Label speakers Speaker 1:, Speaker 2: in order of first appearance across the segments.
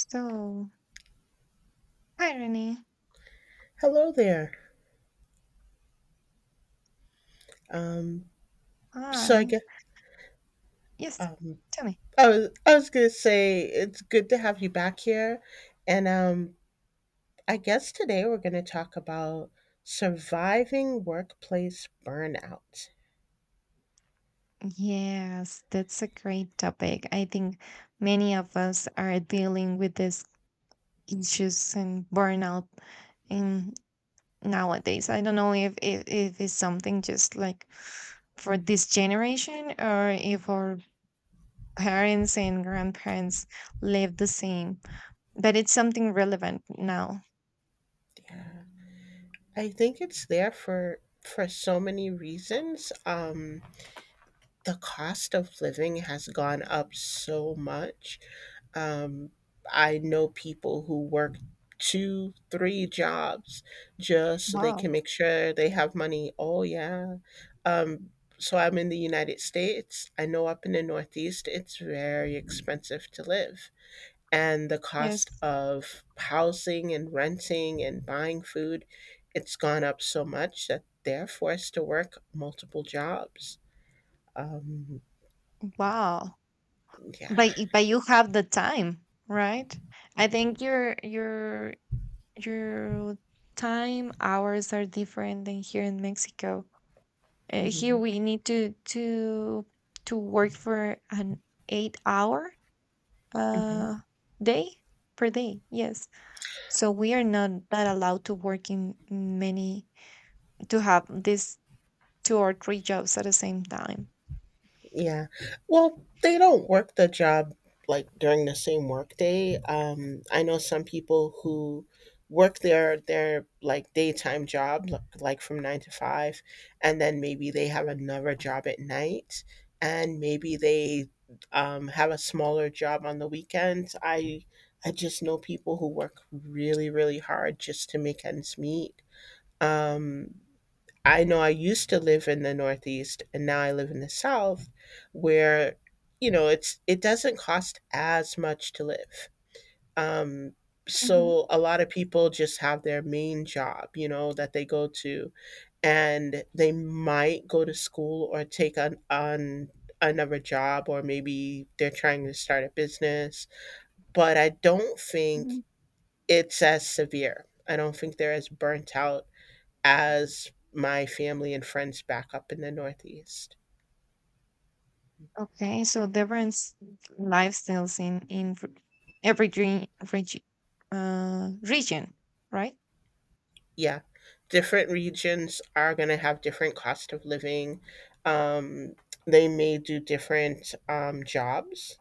Speaker 1: So, hi Renee.
Speaker 2: Hello there. Um, so I
Speaker 1: Hi.
Speaker 2: guess
Speaker 1: Yes,
Speaker 2: um,
Speaker 1: tell me.
Speaker 2: I was gonna say it's good to have you back here, and I guess today we're gonna talk about surviving workplace burnout.
Speaker 1: Yes, that's a great topic. I think many of us are dealing with these issues and burnout in nowadays. I don't know if it's something just like for this generation or if our parents and grandparents live the same, but it's something relevant now.
Speaker 2: Yeah, I think it's there for so many reasons. The cost of living has gone up so much. Um, I know people who work two, three jobs just so they
Speaker 1: Wow.
Speaker 2: can make sure they have money. Oh, yeah. Um, so I'm in the United States. I know up in the Northeast, it's very expensive to live. And the cost
Speaker 1: Yes.
Speaker 2: of housing and renting and buying food, it's gone up so much that they're forced to work multiple jobs. Um,
Speaker 1: Wow.
Speaker 2: yeah.
Speaker 1: But you have the time, right? I think your time hours are different than here in Mexico. Here
Speaker 2: hmm
Speaker 1: we need to work for an 8 hour
Speaker 2: hmm
Speaker 1: uh day per day, yes. So we are not that allowed to work in many, to have these two or three jobs at the same time.
Speaker 2: Yeah. Well, they don't work the job like during the same work day. I know some people who work their like daytime job like from nine to five, and then maybe they have another job at night, and maybe they have a smaller job on the weekends. I just know people who work really really hard just to make ends meet. Um, I know I used to live in the Northeast, and now I live in the South where, you know, it doesn't cost as much to live. Um
Speaker 1: Mhm,
Speaker 2: so a lot of people just have their main job, you know, that they go to, and they might go to school or take on another job or maybe they're trying to start a business, but I don't think
Speaker 1: mhm.
Speaker 2: it's as severe. I don't think they're as burnt out as my family and friends back up in the Northeast.
Speaker 1: Okay, so different lifestyles in every dream, regi- region, right?
Speaker 2: Yeah, different regions are going to have different cost of living. Um, they may do different jobs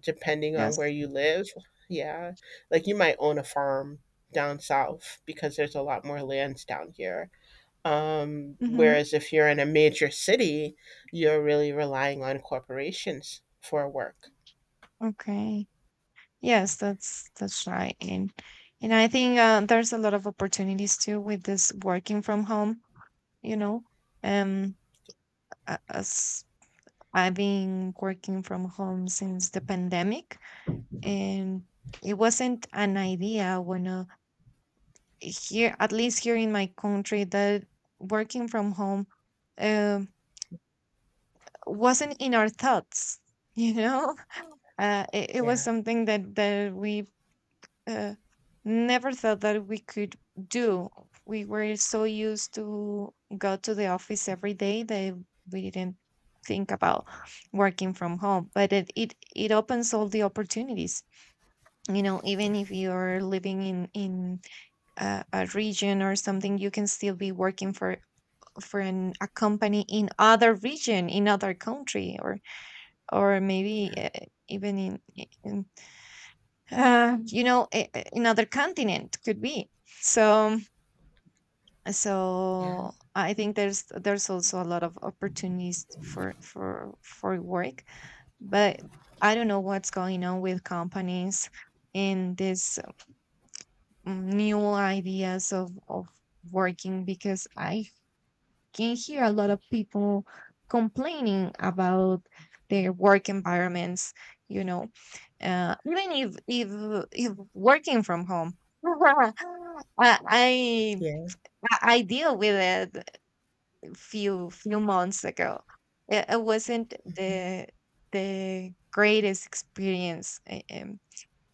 Speaker 2: depending on
Speaker 1: Yes.
Speaker 2: where you live. Yeah, like you might own a farm down south because there's a lot more lands down here.
Speaker 1: Mm-hmm.
Speaker 2: Whereas if you're in a major city, you're really relying on corporations for work.
Speaker 1: Okay. Yes, that's right. And I think there's a lot of opportunities too with this working from home, you know. Um as I've been working from home since the pandemic, and it wasn't an idea when here, at least here in my country, that working from home um wasn't in our thoughts, you know. It was
Speaker 2: Yeah,
Speaker 1: something that we uh, never thought that we could do. We were so used to go to the office every day that we didn't think about working from home. But it opens all the opportunities. You know, even if you're living in a region or something, you can still be working for a company in other region, in other country, or maybe
Speaker 2: yeah,
Speaker 1: even in you know, another continent could be. So,
Speaker 2: yeah,
Speaker 1: so I think there's also a lot of opportunities for work, but I don't know what's going on with companies in this new ideas of working because I can hear a lot of people complaining about their work environments, you know. Even if working from home, I, I
Speaker 2: yeah.
Speaker 1: I deal with it few few months ago. It wasn't
Speaker 2: Mhm,
Speaker 1: the greatest experience.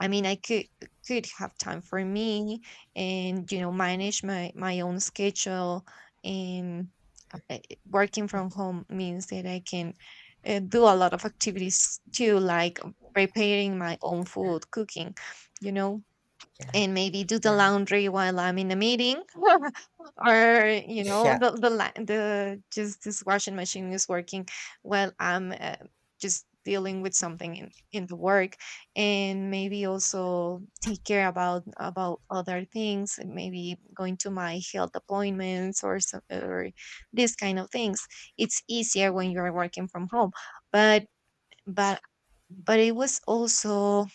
Speaker 1: I mean, I could have time for me and, you know, manage my my own schedule. And uh, uh, working from
Speaker 2: mhm,
Speaker 1: home means that I can do a lot of activities too, like preparing my own food, cooking. You know,
Speaker 2: yeah.
Speaker 1: and maybe do the
Speaker 2: Yeah.
Speaker 1: laundry while I'm in a meeting, or you know
Speaker 2: Yeah.
Speaker 1: the la- the just this washing machine is working while I'm just dealing with something in the work, and maybe also take care about other things and maybe going to my health appointments or some, or these kind of things. It's easier when you're working from home, but but but it was also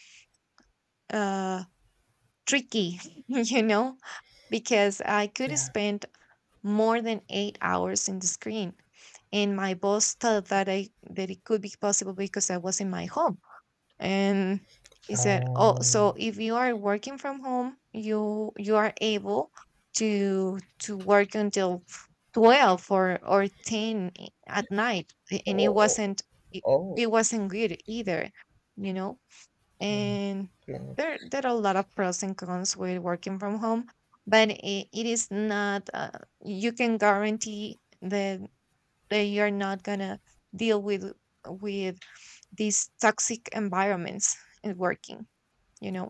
Speaker 1: uh tricky, you know, because I could
Speaker 2: Yeah.
Speaker 1: spend more than 8 hours in the screen. And my boss thought that I that it could be possible because I was in my home. And he said, "Oh,
Speaker 2: Oh.
Speaker 1: so if you are working from home, you are able to work until 12 or 10 at night."
Speaker 2: Oh.
Speaker 1: And it
Speaker 2: Oh.
Speaker 1: wasn't, it,
Speaker 2: Oh.
Speaker 1: it wasn't good either, you know.
Speaker 2: No.
Speaker 1: And
Speaker 2: No.
Speaker 1: there are a lot of pros and cons with working from home, but it is not you can guarantee that that you're not gonna deal with these toxic environments in working, you know.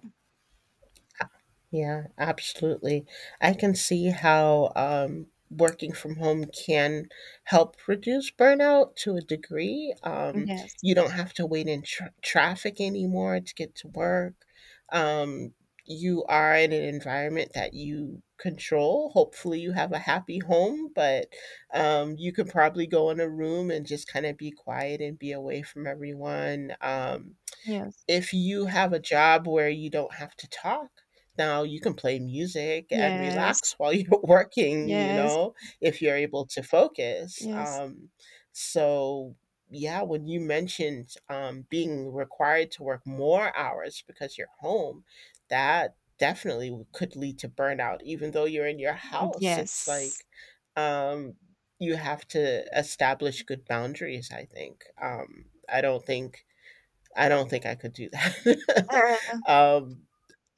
Speaker 2: Yeah, absolutely. I can see how working from home can help reduce burnout to a degree.
Speaker 1: Yes.
Speaker 2: You don't have to wait in traffic anymore to get to work. Um, you are in an environment that you control. Hopefully, you have a happy home, but you can probably go in a room and just kind of be quiet and be away from everyone.
Speaker 1: Yes.
Speaker 2: If you have a job where you don't have to talk, now you can play music and relax
Speaker 1: Yes.
Speaker 2: while you're working you
Speaker 1: Yes.
Speaker 2: know If you're able to focus,
Speaker 1: Yes.
Speaker 2: so yeah, when you mentioned being required to work more hours because you're home, that definitely could lead to burnout even though you're in your house. It's
Speaker 1: Yes.
Speaker 2: like, um, you have to establish good boundaries, I think. I don't think I don't think I could do that.
Speaker 1: Yes.
Speaker 2: um,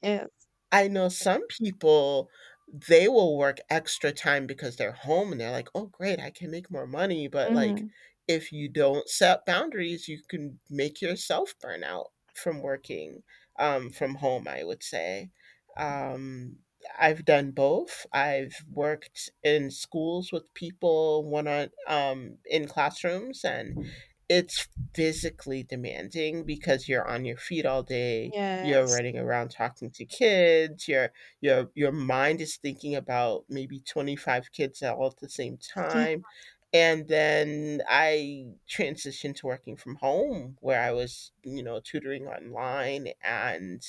Speaker 1: Yes.
Speaker 2: I know some people, they will work extra time because they're home, and they're like, "Oh, great, I can make more money." But, like,
Speaker 1: Hmm.
Speaker 2: if you don't set boundaries, you can make yourself burn out from working, from home, I would say. Um, I've done both. I've worked in schools with people one on in classrooms, and it's physically demanding because you're on your feet all day. You're
Speaker 1: Yes.
Speaker 2: running around talking to kids. Your mind is thinking about maybe 25 kids all at the same
Speaker 1: Yeah.
Speaker 2: time. And then I transitioned to working from home where I was, you know, tutoring online, and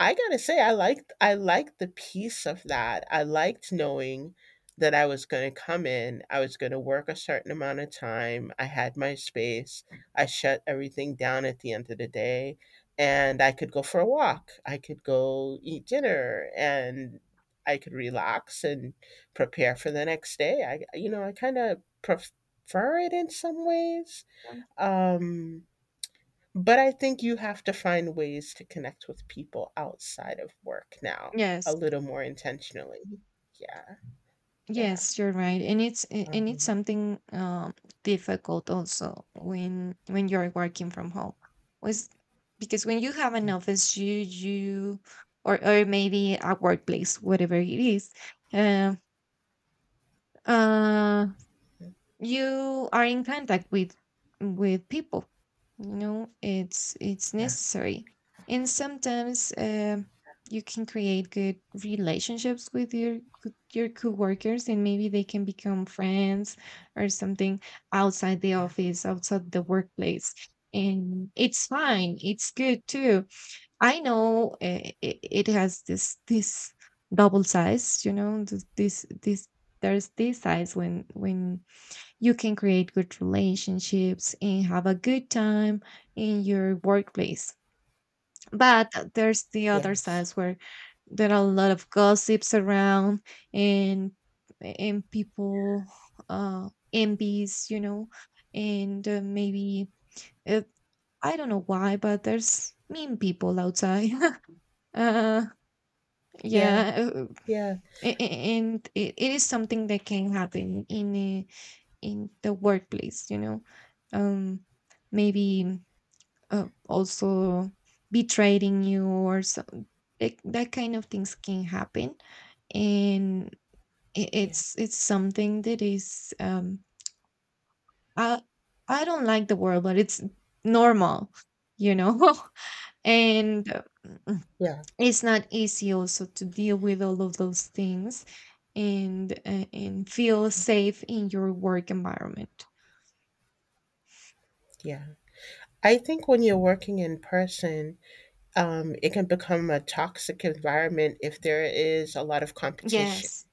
Speaker 2: I gotta say, I liked the peace of that. I liked knowing that I was gonna come in, I was gonna work a certain amount of time, I had my space, I shut everything down at the end of the day, and I could go for a walk, I could go eat dinner, and I could relax and prepare for the next day. I, you know, I kind of prefer it in some ways. Um, but I think you have to find ways to connect with people outside of work now a
Speaker 1: Yes.
Speaker 2: little more intentionally. Yeah, yeah.
Speaker 1: Yes, you're right, and and it's
Speaker 2: Um,
Speaker 1: something difficult also when you're working from home, was because when you have an office, you or maybe a workplace, whatever it is, uh, uh,
Speaker 2: mhm,
Speaker 1: you are in contact with people, you know, it's
Speaker 2: yeah,
Speaker 1: necessary. And sometimes you can create good relationships with your your coworkers, and maybe they can become friends or something outside the
Speaker 2: yeah,
Speaker 1: office, outside the workplace. And it's fine, it's good too. I know it has this this double size, you know, this there's this size when you can create good relationships and have a good time in your workplace. But there's the other
Speaker 2: yes.
Speaker 1: sides where there are a lot of gossips around, and and people envies, you know, and maybe uh, I don't know why, but there's mean people outside. uh yeah,
Speaker 2: Yeah,
Speaker 1: uh,
Speaker 2: yeah,
Speaker 1: and it is something that can happen in a in the workplace, you know. um Maybe also betraying you or some like that kind of things can happen, and
Speaker 2: yeah,
Speaker 1: it's something that is i I don't like the word, but it's normal, you know. And
Speaker 2: yeah,
Speaker 1: it's not easy also to deal with all of those things, and feel safe in your work environment.
Speaker 2: yeah. I think when you're working in person, it can become a toxic environment if there is a lot of competition.
Speaker 1: Yes.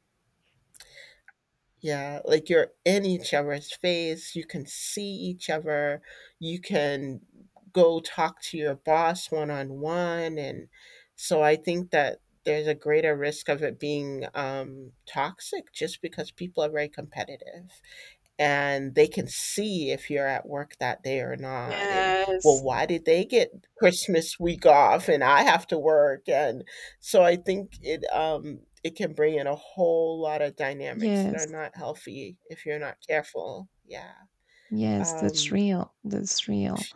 Speaker 2: Yeah, like you're in each other's face, you can see each other, you can go talk to your boss one on one. And so I think that there's a greater risk of it being toxic just because people are very competitive, and they can see if you're at work that day or not. And well,
Speaker 1: Yes.
Speaker 2: why did they get Christmas week off and I have to work? And so I think it, it can bring in a whole lot of dynamics that are
Speaker 1: Yes,
Speaker 2: not healthy if you're not careful. Yeah.
Speaker 1: yes, that's
Speaker 2: um
Speaker 1: real. That's real.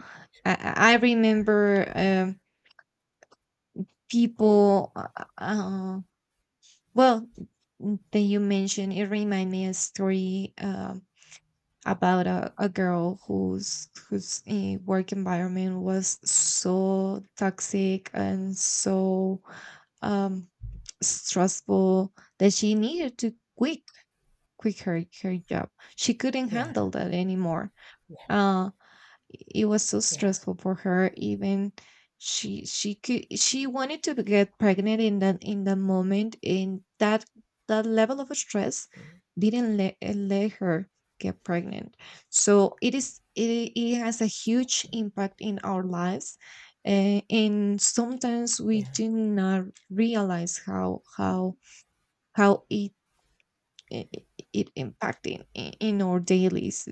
Speaker 1: I
Speaker 2: yeah.
Speaker 1: remember people. Uh, well, that you mentioned, it reminded me a story about a girl whose work environment was so toxic and so um, stressful that she needed to quit her her job. She couldn't
Speaker 2: Yeah.
Speaker 1: handle that anymore.
Speaker 2: Yeah.
Speaker 1: Uh, it was so
Speaker 2: Yeah.
Speaker 1: stressful for her, even she could, she wanted to get pregnant in that moment, and that that level of stress didn't let her get pregnant. So it is, it has a huge impact in our lives, and sometimes we
Speaker 2: Yeah,
Speaker 1: do not realize how it
Speaker 2: mm, yeah, mhm,
Speaker 1: it, it impacting in our dailies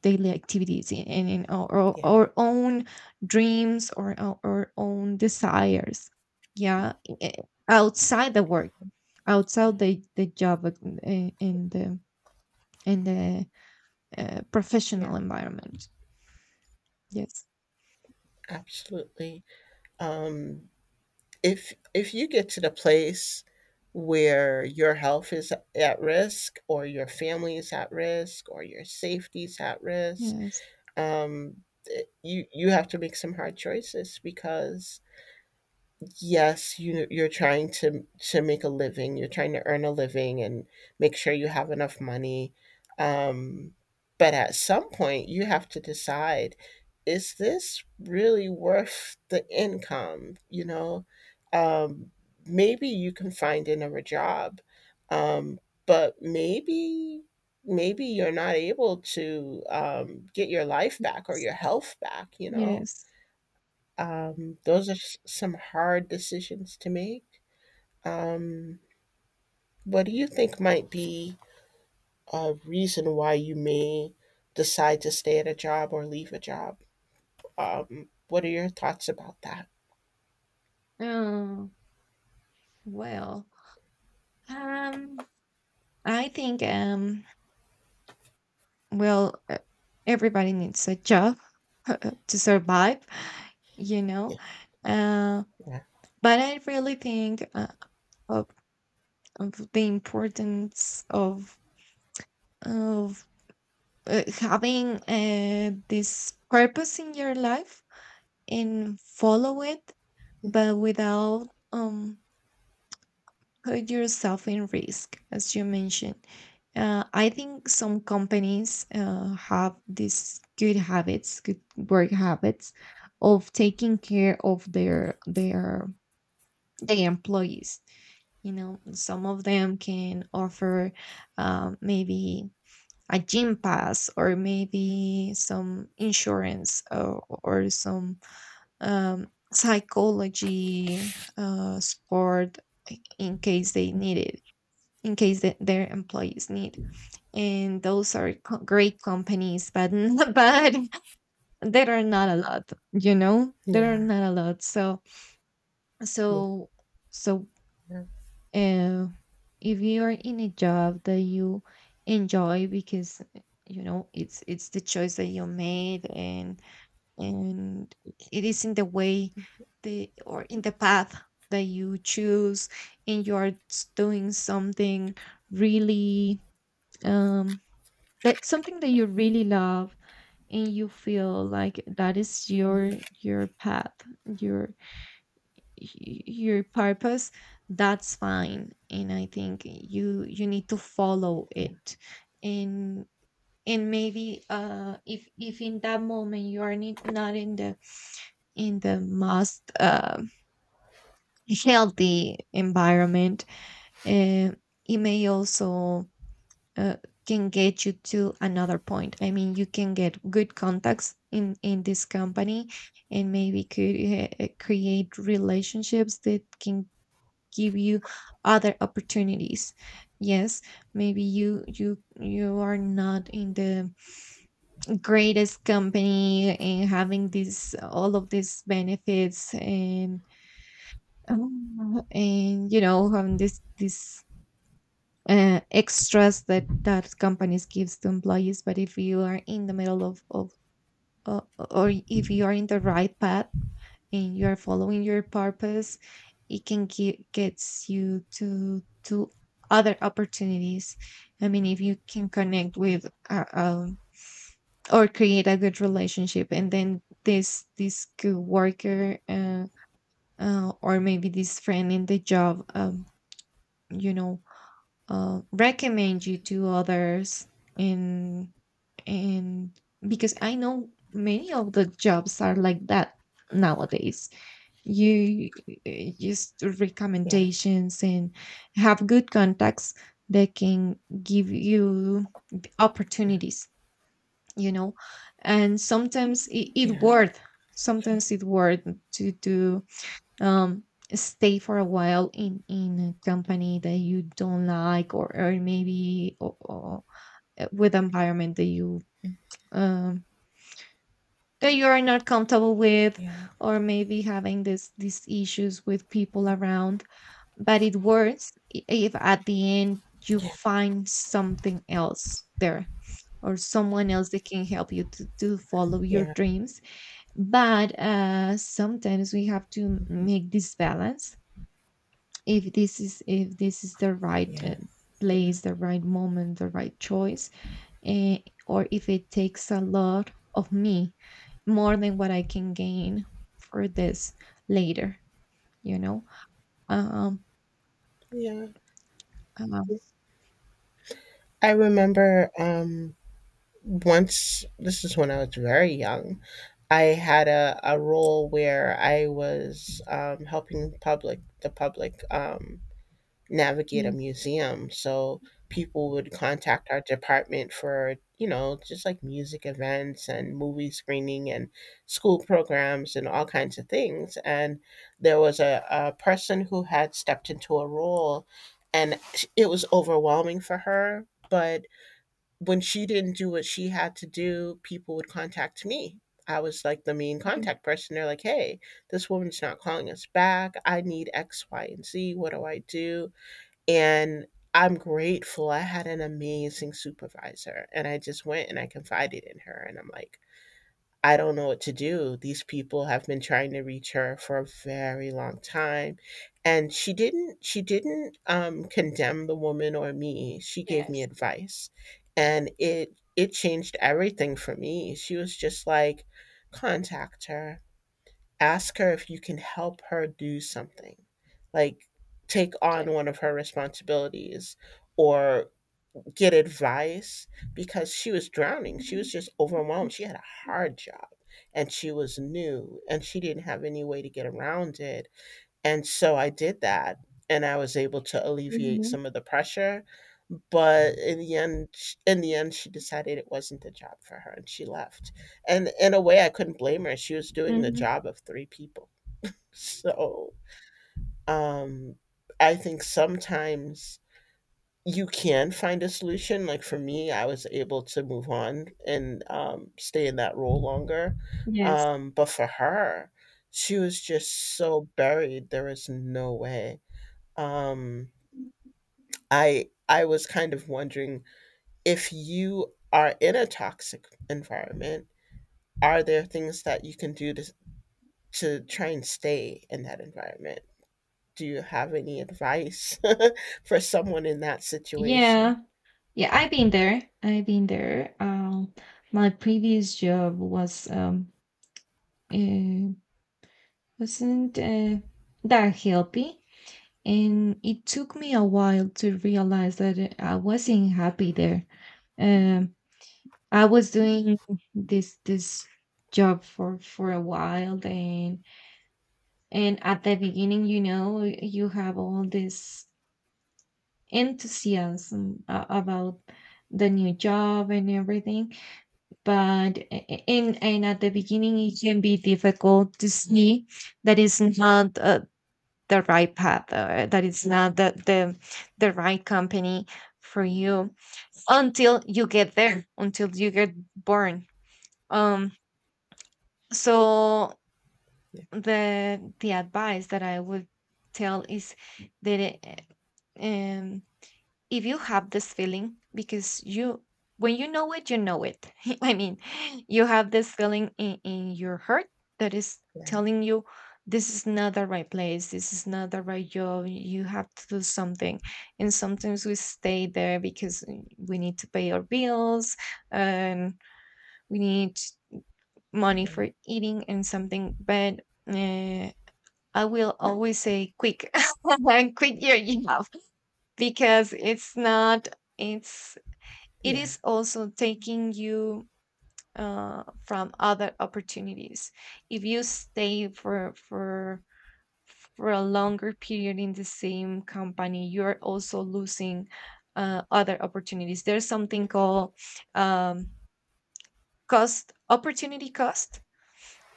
Speaker 1: daily activities in
Speaker 2: yeah,
Speaker 1: our own dreams or our own desires, yeah, i- outside the work,
Speaker 2: mhm,
Speaker 1: outside
Speaker 2: yeah.
Speaker 1: the job, in, in the in the
Speaker 2: Yeah,
Speaker 1: professional environment. Yes.
Speaker 2: absolutely. um if you get to the place where your health is at risk, or your family is at risk, or your safety is at risk,
Speaker 1: Yes.
Speaker 2: um, you you have to make some hard choices, because yes, you you're trying to make a living, you're trying to earn a living, and make sure you have enough money. um but at some point, you have to decide, is this really worth the income, you know? um Maybe you can find another job. um but maybe maybe you're not able to get your life back or your health back, you know?
Speaker 1: Yes.
Speaker 2: Those are some hard decisions to make. Um, what do you think might be a reason why you may decide to stay at a job or leave a job? What are your thoughts about that?
Speaker 1: Oh, well, um I think well, everybody needs a job to survive, you
Speaker 2: Yeah,
Speaker 1: know. Uh,
Speaker 2: yeah,
Speaker 1: but I really think of, of the importance of having this purpose in your life and follow it, but without put yourself in risk, as you mentioned. I think some companies have these good habits, good work habits, of taking care of their employees. You know, some of them can offer maybe a gym pass or maybe some insurance, or some um, psychology support in case they need it, in case that their employees need. And those are great companies, but but there are not a lot. You know, there are
Speaker 2: yeah,
Speaker 1: not a lot. So
Speaker 2: yeah,
Speaker 1: so so
Speaker 2: yeah,
Speaker 1: uh, if you are in a job that you enjoy because you know it's the choice that you made, and it is in the way the or in the path that you choose, and you're doing something really um that something that you really love, and you feel like that is
Speaker 2: mhm,
Speaker 1: your path, your your purpose, that's fine, and I think you you need to follow
Speaker 2: yeah,
Speaker 1: it. and and maybe if in that moment you are not in the in the most healthy environment, uh, it may also uh, can get you to another point. I mean, you can get good contacts in this company, and maybe could create relationships that can give you other opportunities. Yes, maybe you are not in the greatest company and having this all of these benefits and and, you know, having this this extras that that companies gives to employees, but if you are in the middle of uh, or if you are in the right path and you are following your purpose, it can gets you to other opportunities. I mean, if you can connect with or create a good relationship, and then this good worker, or maybe this friend in the job, you know, recommend you to others, and and because I know many of the jobs are like that nowadays. You uh, just do
Speaker 2: yeah,
Speaker 1: recommendations and have good contacts that can give you
Speaker 2: yeah,
Speaker 1: opportunities, you know. And sometimes
Speaker 2: yeah,
Speaker 1: it
Speaker 2: yeah,
Speaker 1: worth, sometimes it worth to do um, stay for a while in a company that you don't like, or maybe or with environment um, that you are not comfortable with, or maybe having this these issues with people around. But it works if at the end you
Speaker 2: yeah,
Speaker 1: find something else there, or someone else that can help you to follow your
Speaker 2: yeah,
Speaker 1: dreams. But sometimes we have to make this balance if this is the right
Speaker 2: yeah.
Speaker 1: place, the right moment, the right choice, eh, or if it takes a lot of me, more than what I can gain for this later, you know. um
Speaker 2: Yeah.
Speaker 1: uh,
Speaker 2: I remember once. This is when I was very young. I had a role where I was helping public the public navigate a
Speaker 1: yeah.
Speaker 2: museum. So people would contact our department for, you know, just like music events and movie screening and school programs and all kinds of things. And there was a person who had stepped into a role, and it was overwhelming for her. But when she didn't do what she had to do, people would contact me. I was like the main
Speaker 1: Good
Speaker 2: contact person. They're like, hey, this woman's not calling us back. I need X, Y, and Z. What do I do? And I'm grateful. I had an amazing supervisor, and I just went and I confided in her. And I'm like, I don't know what to do. These people have been trying to reach her for a very long time. And she didn't condemn the woman or me. She gave me advice. And it changed everything for me. She was just like, contact her. Ask her if you can help her do something. Like take
Speaker 1: day.
Speaker 2: on one of her responsibilities or get advice, because she was drowning. She was just overwhelmed. She
Speaker 1: Yes.
Speaker 2: had a hard job, and she was new, and she didn't have any way to get around it. And so I did that, and I was able to alleviate
Speaker 1: Mhm.
Speaker 2: some of the pressure. But in the end, she decided it wasn't the job for her, and she left. And in a way, I couldn't blame her. She was doing the
Speaker 1: Mhm.
Speaker 2: job of three people. So um, I think sometimes you can find a solution. Like for me, I was able to move on and stay in that role longer.
Speaker 1: Yes.
Speaker 2: But for her, she was just so buried. There was no way. Um, I was kind of wondering, if you are in a toxic environment, are there things that you can do to try and stay in that environment? Do you have any advice for someone in that situation?
Speaker 1: Yeah. Yeah, I've been there. I've been there. My previous job was uh, wasn't that healthy. And it took me a while to realize that I wasn't happy there. Um, I was doing this job for a while, and at the beginning, you know, you have all this enthusiasm about the new job and everything but and at the beginning it can be difficult to see that it's not the right path, that it's not the right company for you until you get there, until you get born. Um so
Speaker 2: Yeah,
Speaker 1: the advice that I would tell is that um, if you have this feeling, because you, when you know it, you know it, I mean, you have this feeling in your heart that is
Speaker 2: yeah,
Speaker 1: telling you this is not the right place, this is not the right job, you have to do something. And sometimes we stay there because we need to pay our bills, and we need money
Speaker 2: yeah.
Speaker 1: for eating and something, but uh, I will always say quick, quick, your job, because it's not, it's it
Speaker 2: Yeah.
Speaker 1: is also taking you from other opportunities. If you stay for a longer period in the same company, you're also losing other opportunities. There's something called um, cost, opportunity cost,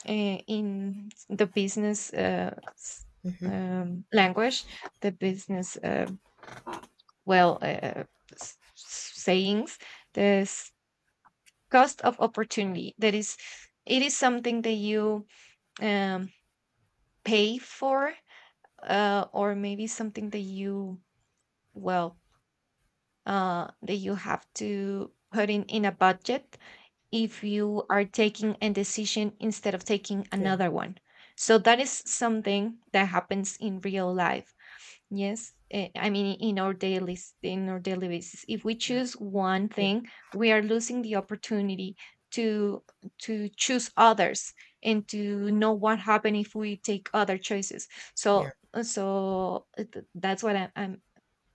Speaker 1: in the business
Speaker 2: hmm
Speaker 1: language, the business, well uh, sayings. There's cost of opportunity, that is, it is something that you um, pay for, or maybe something that you well that you have to put in a budget if you are taking a decision instead of taking
Speaker 2: Yeah,
Speaker 1: another one. So that is something that happens in real life. Yes, eh, I mean, in our daily, in our daily basis. If we
Speaker 2: yeah,
Speaker 1: choose one
Speaker 2: yeah,
Speaker 1: thing, we are losing the opportunity to to choose others, and to know what happened if we take other choices. So so th- that's what I'm. I'm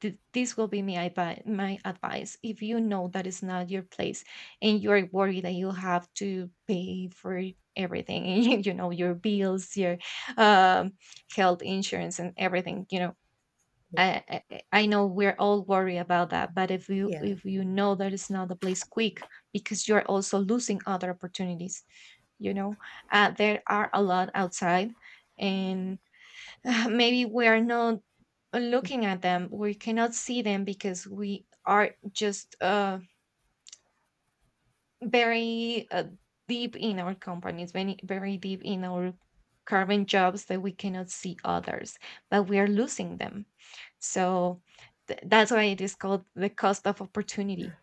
Speaker 1: th- This will be my advice. My advice: if you know that is not your place, and you're worried that you have to pay for everything, you know, your bills, your um, health insurance, and everything, you know, I know we're all worried about that, but if you,
Speaker 2: yeah,
Speaker 1: if you know that it's not the place, quick, because you're also losing other opportunities, you know, there are a lot outside, and maybe we are not looking at them. We cannot see them because we are just very deep in our companies, very, very deep in our current jobs, that we cannot see others, but we are losing them. So that's why it is called the cost of
Speaker 2: yeah,
Speaker 1: opportunity,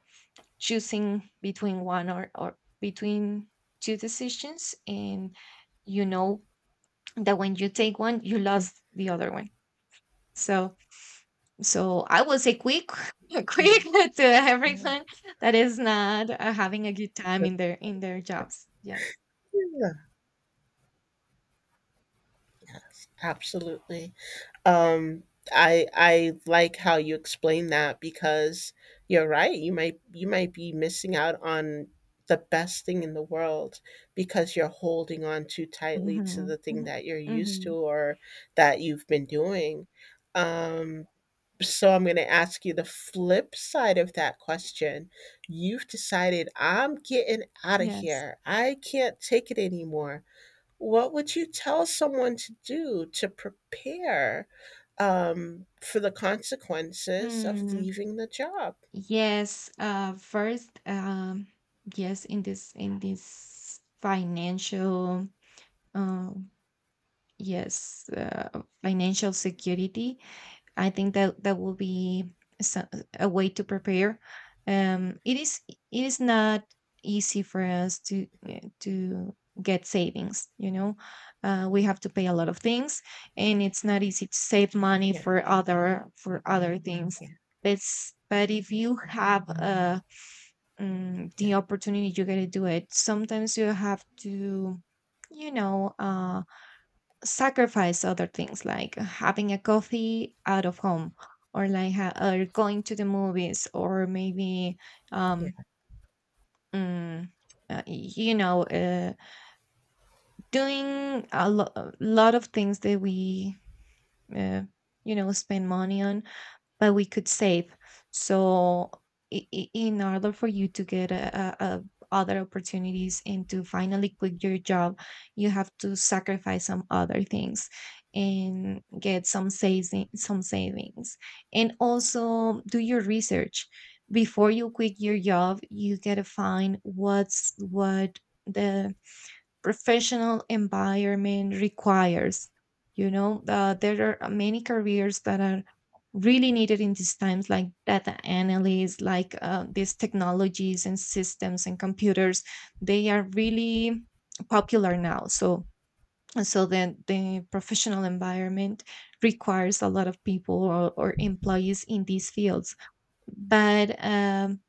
Speaker 1: choosing between one, or between two decisions. And you know that when you take one, you lost the other one. So I will say quick, quick,
Speaker 2: yeah,
Speaker 1: to
Speaker 2: yeah,
Speaker 1: everyone that is not having a good time in their jobs. Yes.
Speaker 2: yeah. Yes, absolutely. Um, I like how you explain that, because you're right. You might be missing out on the best thing in the world because you're holding on too tightly to
Speaker 1: Mm-hmm.
Speaker 2: the thing
Speaker 1: Mm-hmm.
Speaker 2: that you're used to
Speaker 1: Hmm.
Speaker 2: or that you've been doing. Um, So I'm going to ask you the flip side of that question. You've decided, I'm getting out of
Speaker 1: Yes.
Speaker 2: here. I can't take it anymore. What would you tell someone to do to prepare for the consequences of
Speaker 1: Mm.
Speaker 2: leaving the job?
Speaker 1: Yes. First, yes, in this financial, um, yes, financial security. I think that that will be so- a way to prepare. It is, it is not easy for us to get savings. You know, we have to pay a lot of things, and it's not easy to save money
Speaker 2: Yeah,
Speaker 1: for other, for other things.
Speaker 2: yeah,
Speaker 1: It's, but if you have the
Speaker 2: yeah,
Speaker 1: opportunity, you gotta do it. Sometimes you have to, you know, sacrifice other things, like having a coffee out of home, or like or going to the movies, or maybe
Speaker 2: yeah,
Speaker 1: um
Speaker 2: yeah,
Speaker 1: mm, you know, doing a lot of things that we, uh, you know, spend money on, but we could save. So, in order for you to get a other opportunities and to finally quit your job, you have to sacrifice some other things and get some saving, some savings, and also do your research. Before you quit your job, you gotta find what's what the professional environment requires. You know, there are many careers that are really needed in these times, like data analysts, like these technologies and systems and computers, they are really popular now, so, and so then the professional environment requires a lot of people, or employees in these fields. But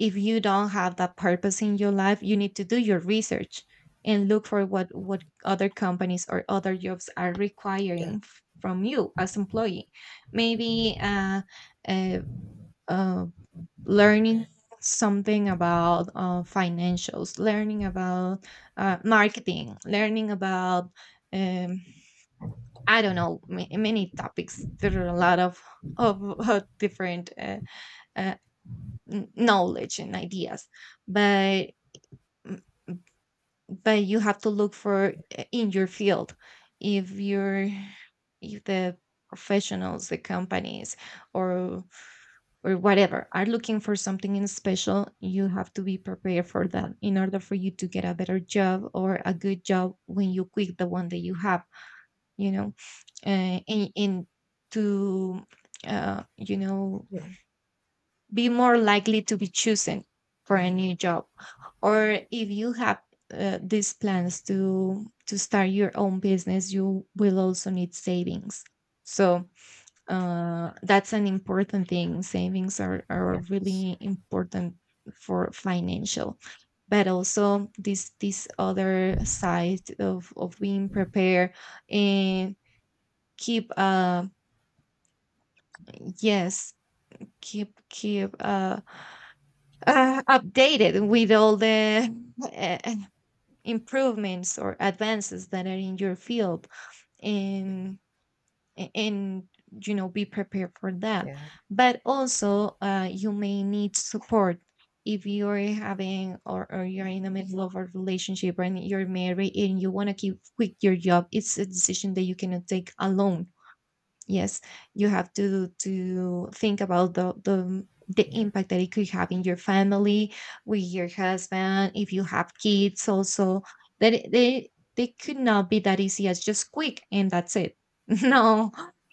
Speaker 1: if you don't have that purpose in your life, you need to do your research and look for what other companies or other jobs are requiring from you as employee. Maybe uh, uh,
Speaker 2: yeah,
Speaker 1: learning something about financials, learning about marketing, learning about, um, I don't know, many topics. There are a lot of different uh, knowledge and ideas, but, mm, but you have to look for in your field. If you're, if the professionals, the companies, or or whatever, are looking for something in special, you have to be prepared for that in order for you to get a better job or a good job when you quit the one that you have, you know, and to, you know,
Speaker 2: yeah, yeah,
Speaker 1: be more likely to be chosen for a new job. Or if you have these plans to start your own business, you will also need savings. So, that's an important thing. Savings are
Speaker 2: yes,
Speaker 1: really important for financial, but also this other side of being prepared, and keep, yes keep, keep updated with all the uh, improvements or advances that are in your field, and and, you know, be prepared for that.
Speaker 2: yeah,
Speaker 1: But also, you may need support if you're having, or you're in the middle of a relationship, and you're married, and you want to keep quit your job, it's a decision that you cannot take alone. Yes, you have to think about the
Speaker 2: yeah,
Speaker 1: impact that it could have in your family, with your husband, if you have kids also. That they could not be that easy as just quick and that's it. No,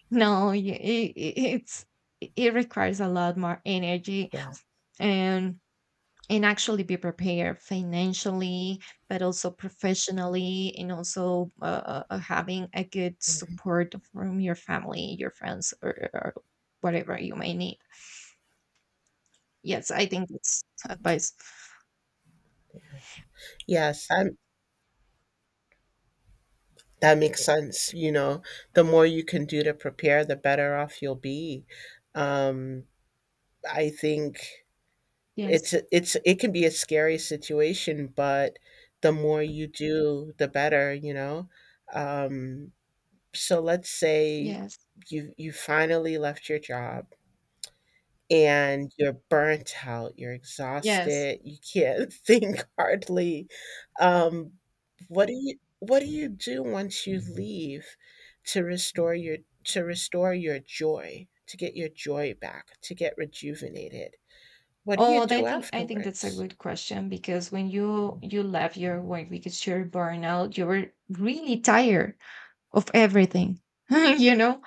Speaker 1: no, it it's it requires a lot more energy,
Speaker 2: yeah.
Speaker 1: and and actually be prepared financially, but also professionally, and also, having a good
Speaker 2: Mhm.
Speaker 1: support from your family, your friends, or whatever you may need. Yes, I think that's advice.
Speaker 2: Yes, I'm— that makes sense, you know, the more you can do to prepare, the better off you'll be. Um, I think
Speaker 1: Yes,
Speaker 2: it's it can be a scary situation, but the more you do, the better, you know? Um, so let's say
Speaker 1: yes,
Speaker 2: you finally left your job and you're burnt out, you're
Speaker 1: yes.
Speaker 2: exhausted, you can't think hardly. Um, what do you do once you leave to restore your to restore your joy, to get your joy back, to get rejuvenated? What do you
Speaker 1: Oh,
Speaker 2: do
Speaker 1: I think that's a
Speaker 2: afterwards?
Speaker 1: good question, because when you left your work because you're burnout, you were really tired of everything. You know,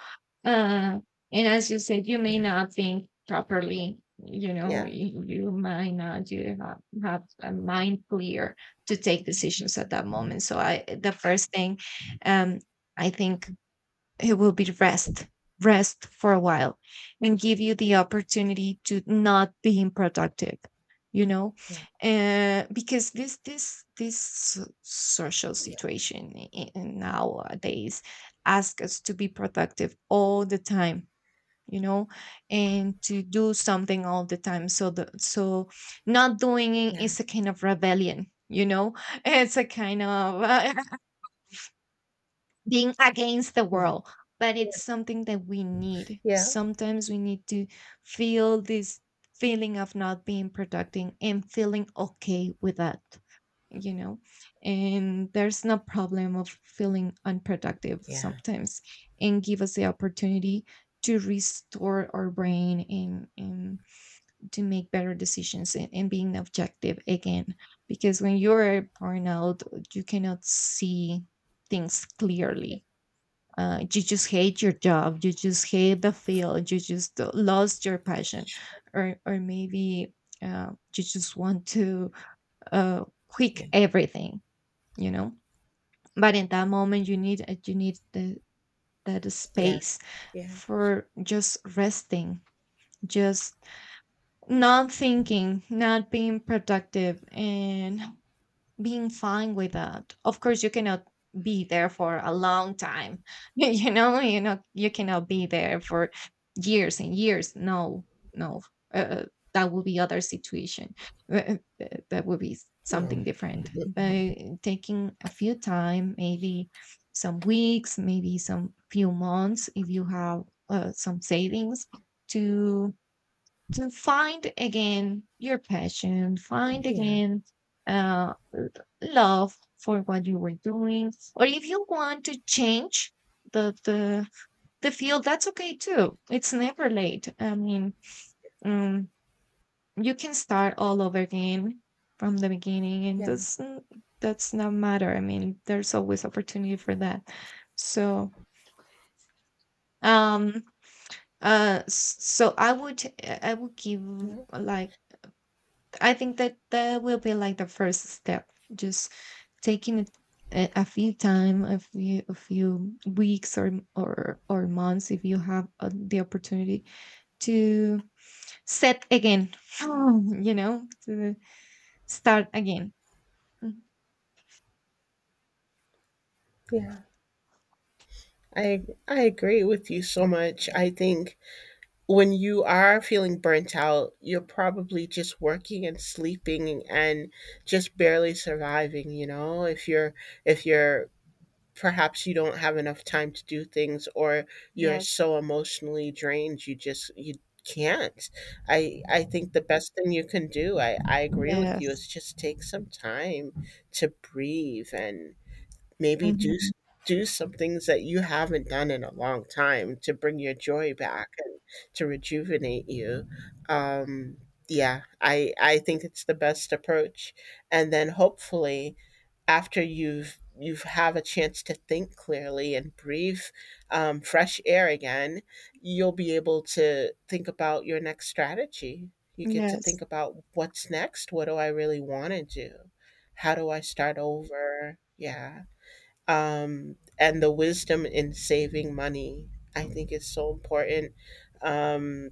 Speaker 1: uh, and as you said, you may
Speaker 2: Yeah.
Speaker 1: not think properly, you know,
Speaker 2: Yeah.
Speaker 1: you might not, have a mind clear to take decisions at that moment. So, I the first thing, um I think it will be rest. Rest for a while, and give you the opportunity to not being productive, you know,
Speaker 2: Yeah.
Speaker 1: because this so, social
Speaker 2: Yeah.
Speaker 1: situation in nowadays asks us to be productive all the time, you know, and to do something all the time. So the, so not doing it is a kind of rebellion, you know, it's a kind of being against the world, but it's something that we
Speaker 2: Yeah.
Speaker 1: need.
Speaker 2: Yeah.
Speaker 1: Sometimes we need to feel this feeling of not being productive and feeling okay with that, you know, and there's no problem of feeling unproductive
Speaker 2: Yeah.
Speaker 1: sometimes, and give us the opportunity to restore our brain, and to make better decisions, and being objective again. Because when you're burnout, you cannot see things clearly. You just hate your job, you just hate the field, you just lost your passion,
Speaker 2: Sh-
Speaker 1: or maybe you just want to quit
Speaker 2: Yeah.
Speaker 1: everything, you know. But in that moment you need, you need the, that
Speaker 2: Yeah.
Speaker 1: space
Speaker 2: Yeah.
Speaker 1: for just resting, just not thinking, not being productive, and being fine with that. Of course, you cannot be there for a long time. You know, you know, you cannot be there for years and years. No, no, uh, uh, that would be other situation. That would be something
Speaker 2: No.
Speaker 1: different. But taking a few time, maybe some weeks, maybe some few months, if you have some savings, to to find again your passion, find
Speaker 2: Yeah.
Speaker 1: again uh, love for what you were doing. Or if you want to change the the the field, that's okay too. It's never late. I mean, um, you can start all over again from the beginning, and
Speaker 2: Yeah.
Speaker 1: that's that's not matter. I mean, there's always opportunity for that. So, um, so I would, I would give
Speaker 2: Yeah.
Speaker 1: like, I think that that will be like the first step, just taking it a few time, a few weeks, or months if you have the opportunity to set again, you know, to start again. Mhm.
Speaker 2: Yeah. I I agree with you so much. I think when you are feeling burnt out, you're probably just working and sleeping and just barely surviving, you know? If you're perhaps you don't have enough time to do things or you're
Speaker 1: Yes,
Speaker 2: so emotionally drained you just you can't. I think the best thing you can do, I agree with you,
Speaker 1: yes.
Speaker 2: is just take some time to breathe and maybe do s-
Speaker 1: Mhm.
Speaker 2: do some things that you haven't done in a long time to bring your joy back and to rejuvenate you. Um, yeah, I think it's the best approach. And then hopefully after you have a chance to think clearly and breathe fresh air again, you'll be able to think about your next strategy. You get to think
Speaker 1: Yes,
Speaker 2: about what's next. What do I really want to do? How do I start over? Yeah, and the wisdom in saving money I think is so important. um,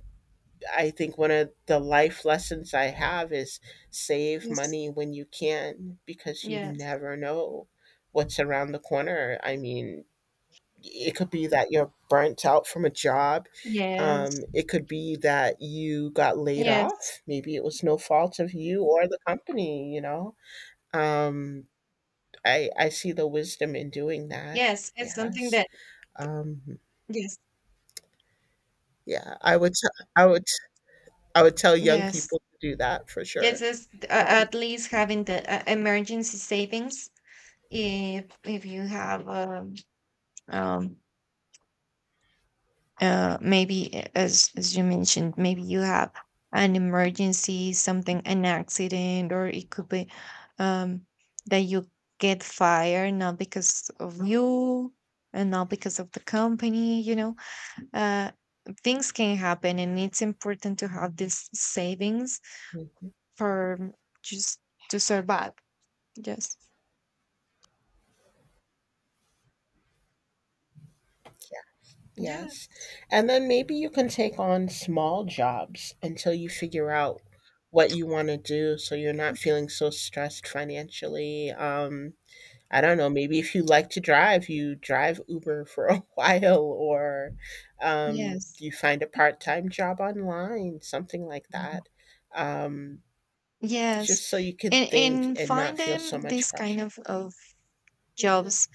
Speaker 2: I think one of the life lessons I have is save
Speaker 1: yes.
Speaker 2: money when you can, because you
Speaker 1: Yes.
Speaker 2: never know what's around the corner. I mean, it could be that you're burnt out from a job.
Speaker 1: Yes,
Speaker 2: It could be that you got laid
Speaker 1: yes.
Speaker 2: off, maybe it was no fault of you or the company, you know. um, I see the wisdom in doing that.
Speaker 1: Yes, it's something
Speaker 2: Yes.
Speaker 1: that,
Speaker 2: um,
Speaker 1: yes,
Speaker 2: yeah, I would t- I would tell young people
Speaker 1: yes,
Speaker 2: to do that for
Speaker 1: yes.
Speaker 2: sure.
Speaker 1: Is
Speaker 2: Um,
Speaker 1: at least having the emergency savings. If you have, um maybe, as you mentioned, maybe you have an emergency, something, an accident, or it could be um that you get fired, not because of you, and not because of the company, you know, uh things can happen, and it's important to have these savings
Speaker 2: mhm,
Speaker 1: for just to survive. Yes.
Speaker 2: yeah, yes.
Speaker 1: Yes.
Speaker 2: And then maybe you can take on small jobs until you figure out what you want to do, so you're not feeling so stressed financially. I don't know, maybe if you like to drive, you drive Uber for a while, or
Speaker 1: Yes.
Speaker 2: you find a part-time job online, something like that. Um,
Speaker 1: Yes,
Speaker 2: Just so you can think
Speaker 1: and
Speaker 2: and not
Speaker 1: find
Speaker 2: feel so
Speaker 1: them
Speaker 2: much
Speaker 1: this kind
Speaker 2: pressure.
Speaker 1: of
Speaker 2: Yeah.
Speaker 1: jobs,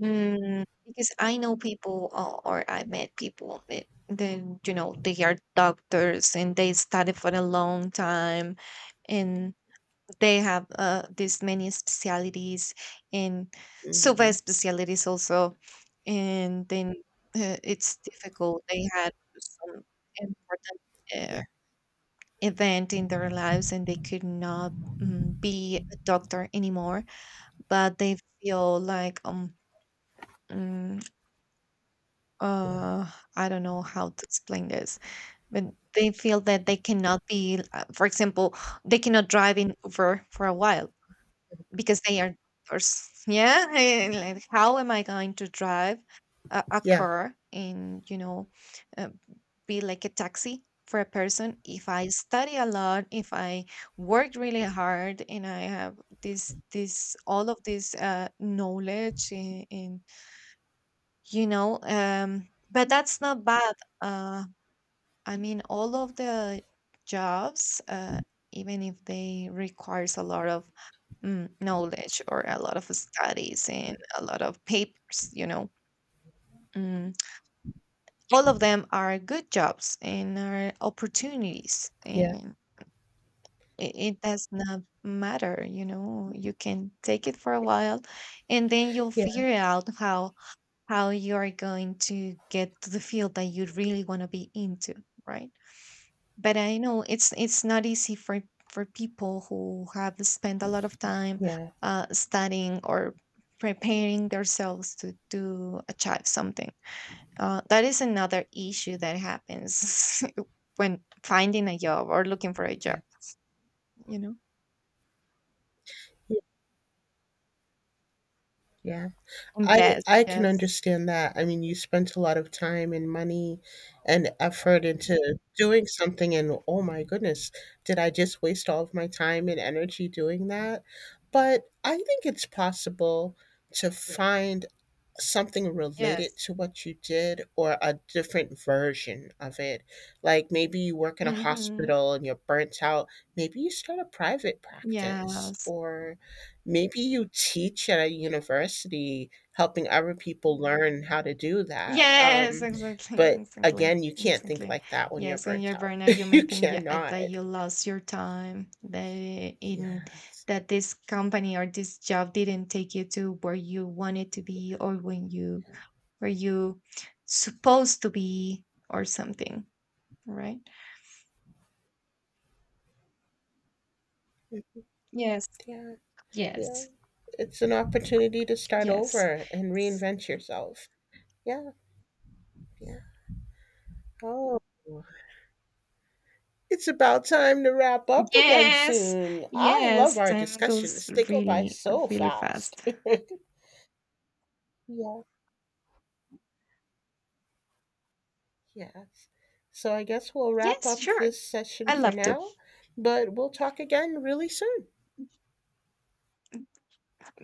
Speaker 1: mm, because I know people, or I met people that then, you know, they are doctors and they study for a long time, and they have this many specialities, and super
Speaker 2: Mhm.
Speaker 1: specialities also. And then it's difficult. They had some important uh,
Speaker 2: Yeah.
Speaker 1: event in their lives, and they could not, mm, be a doctor anymore, but they feel like mm,
Speaker 2: Yeah.
Speaker 1: uh I don't know how to explain this, but they feel that they cannot be, for example, they cannot drive in Uber for a while because they are drivers. Yeah, and, like, how am I going to drive a
Speaker 2: Yeah.
Speaker 1: car and, you know, uh, be like a taxi for a person if I study a lot, if I worked really hard, and I have this this all of this knowledge and, you know, but that's not bad. Uh, I mean, all of the jobs, even if they requires a lot of, mm, knowledge, or a lot of studies and a lot of papers, you know, mm, all of them are good jobs and are opportunities.
Speaker 2: Yeah.
Speaker 1: And it does not matter, you know, you can take it for a while, and then you'll
Speaker 2: Yeah.
Speaker 1: figure out how you are going to get to the field that you really want to be into, right? But I know it's not easy for people who have spent a lot of time
Speaker 2: Yeah.
Speaker 1: studying or preparing themselves to achieve something. That is another issue that happens when finding a job or looking for a job.
Speaker 2: Yeah.
Speaker 1: You know,
Speaker 2: Yeah. Yeah. I
Speaker 1: invest.
Speaker 2: I can
Speaker 1: Yes.
Speaker 2: understand that. I mean, you spent a lot of time and money and effort into doing something, and oh my goodness, did I just waste all of my time and energy doing that? But I think it's possible to find something related
Speaker 1: Yes.
Speaker 2: to what you did, or a different version of it. Like maybe you work in a
Speaker 1: Hmm.
Speaker 2: hospital and you're burnt out. Maybe you start a private practice,
Speaker 1: Yes.
Speaker 2: or maybe you teach at a university, helping other people learn how to do that.
Speaker 1: Yes, exactly,
Speaker 2: But
Speaker 1: exactly,
Speaker 2: again, you can't think
Speaker 1: exactly.
Speaker 2: like that when you're
Speaker 1: Yes, when in
Speaker 2: burnt
Speaker 1: your
Speaker 2: out.
Speaker 1: burnout, you may
Speaker 2: You
Speaker 1: think, yeah,
Speaker 2: cannot.
Speaker 1: that you lost your time, that in
Speaker 2: Yes.
Speaker 1: that this company or this job didn't take you to where you wanted to be, or when you, where you supposed to be, or something, right? Yes,
Speaker 2: Yeah. Yeah.
Speaker 1: yes,
Speaker 2: It's an opportunity to start
Speaker 1: yes.
Speaker 2: over and
Speaker 1: S-
Speaker 2: reinvent yourself. Yeah. Yeah. Oh, it's about time to wrap up again
Speaker 1: Yes,
Speaker 2: soon. I love
Speaker 1: yes,
Speaker 2: our
Speaker 1: time goes
Speaker 2: discussions, they go by
Speaker 1: really,
Speaker 2: so
Speaker 1: really
Speaker 2: fast.
Speaker 1: fast.
Speaker 2: Yeah, yes. So I guess we'll wrap
Speaker 1: Yes,
Speaker 2: up
Speaker 1: sure.
Speaker 2: this session
Speaker 1: I
Speaker 2: for
Speaker 1: love to.
Speaker 2: now, but we'll talk again really soon.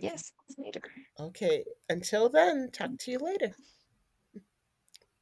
Speaker 2: Okay.
Speaker 1: later.
Speaker 2: Okay. Until then, talk to you later.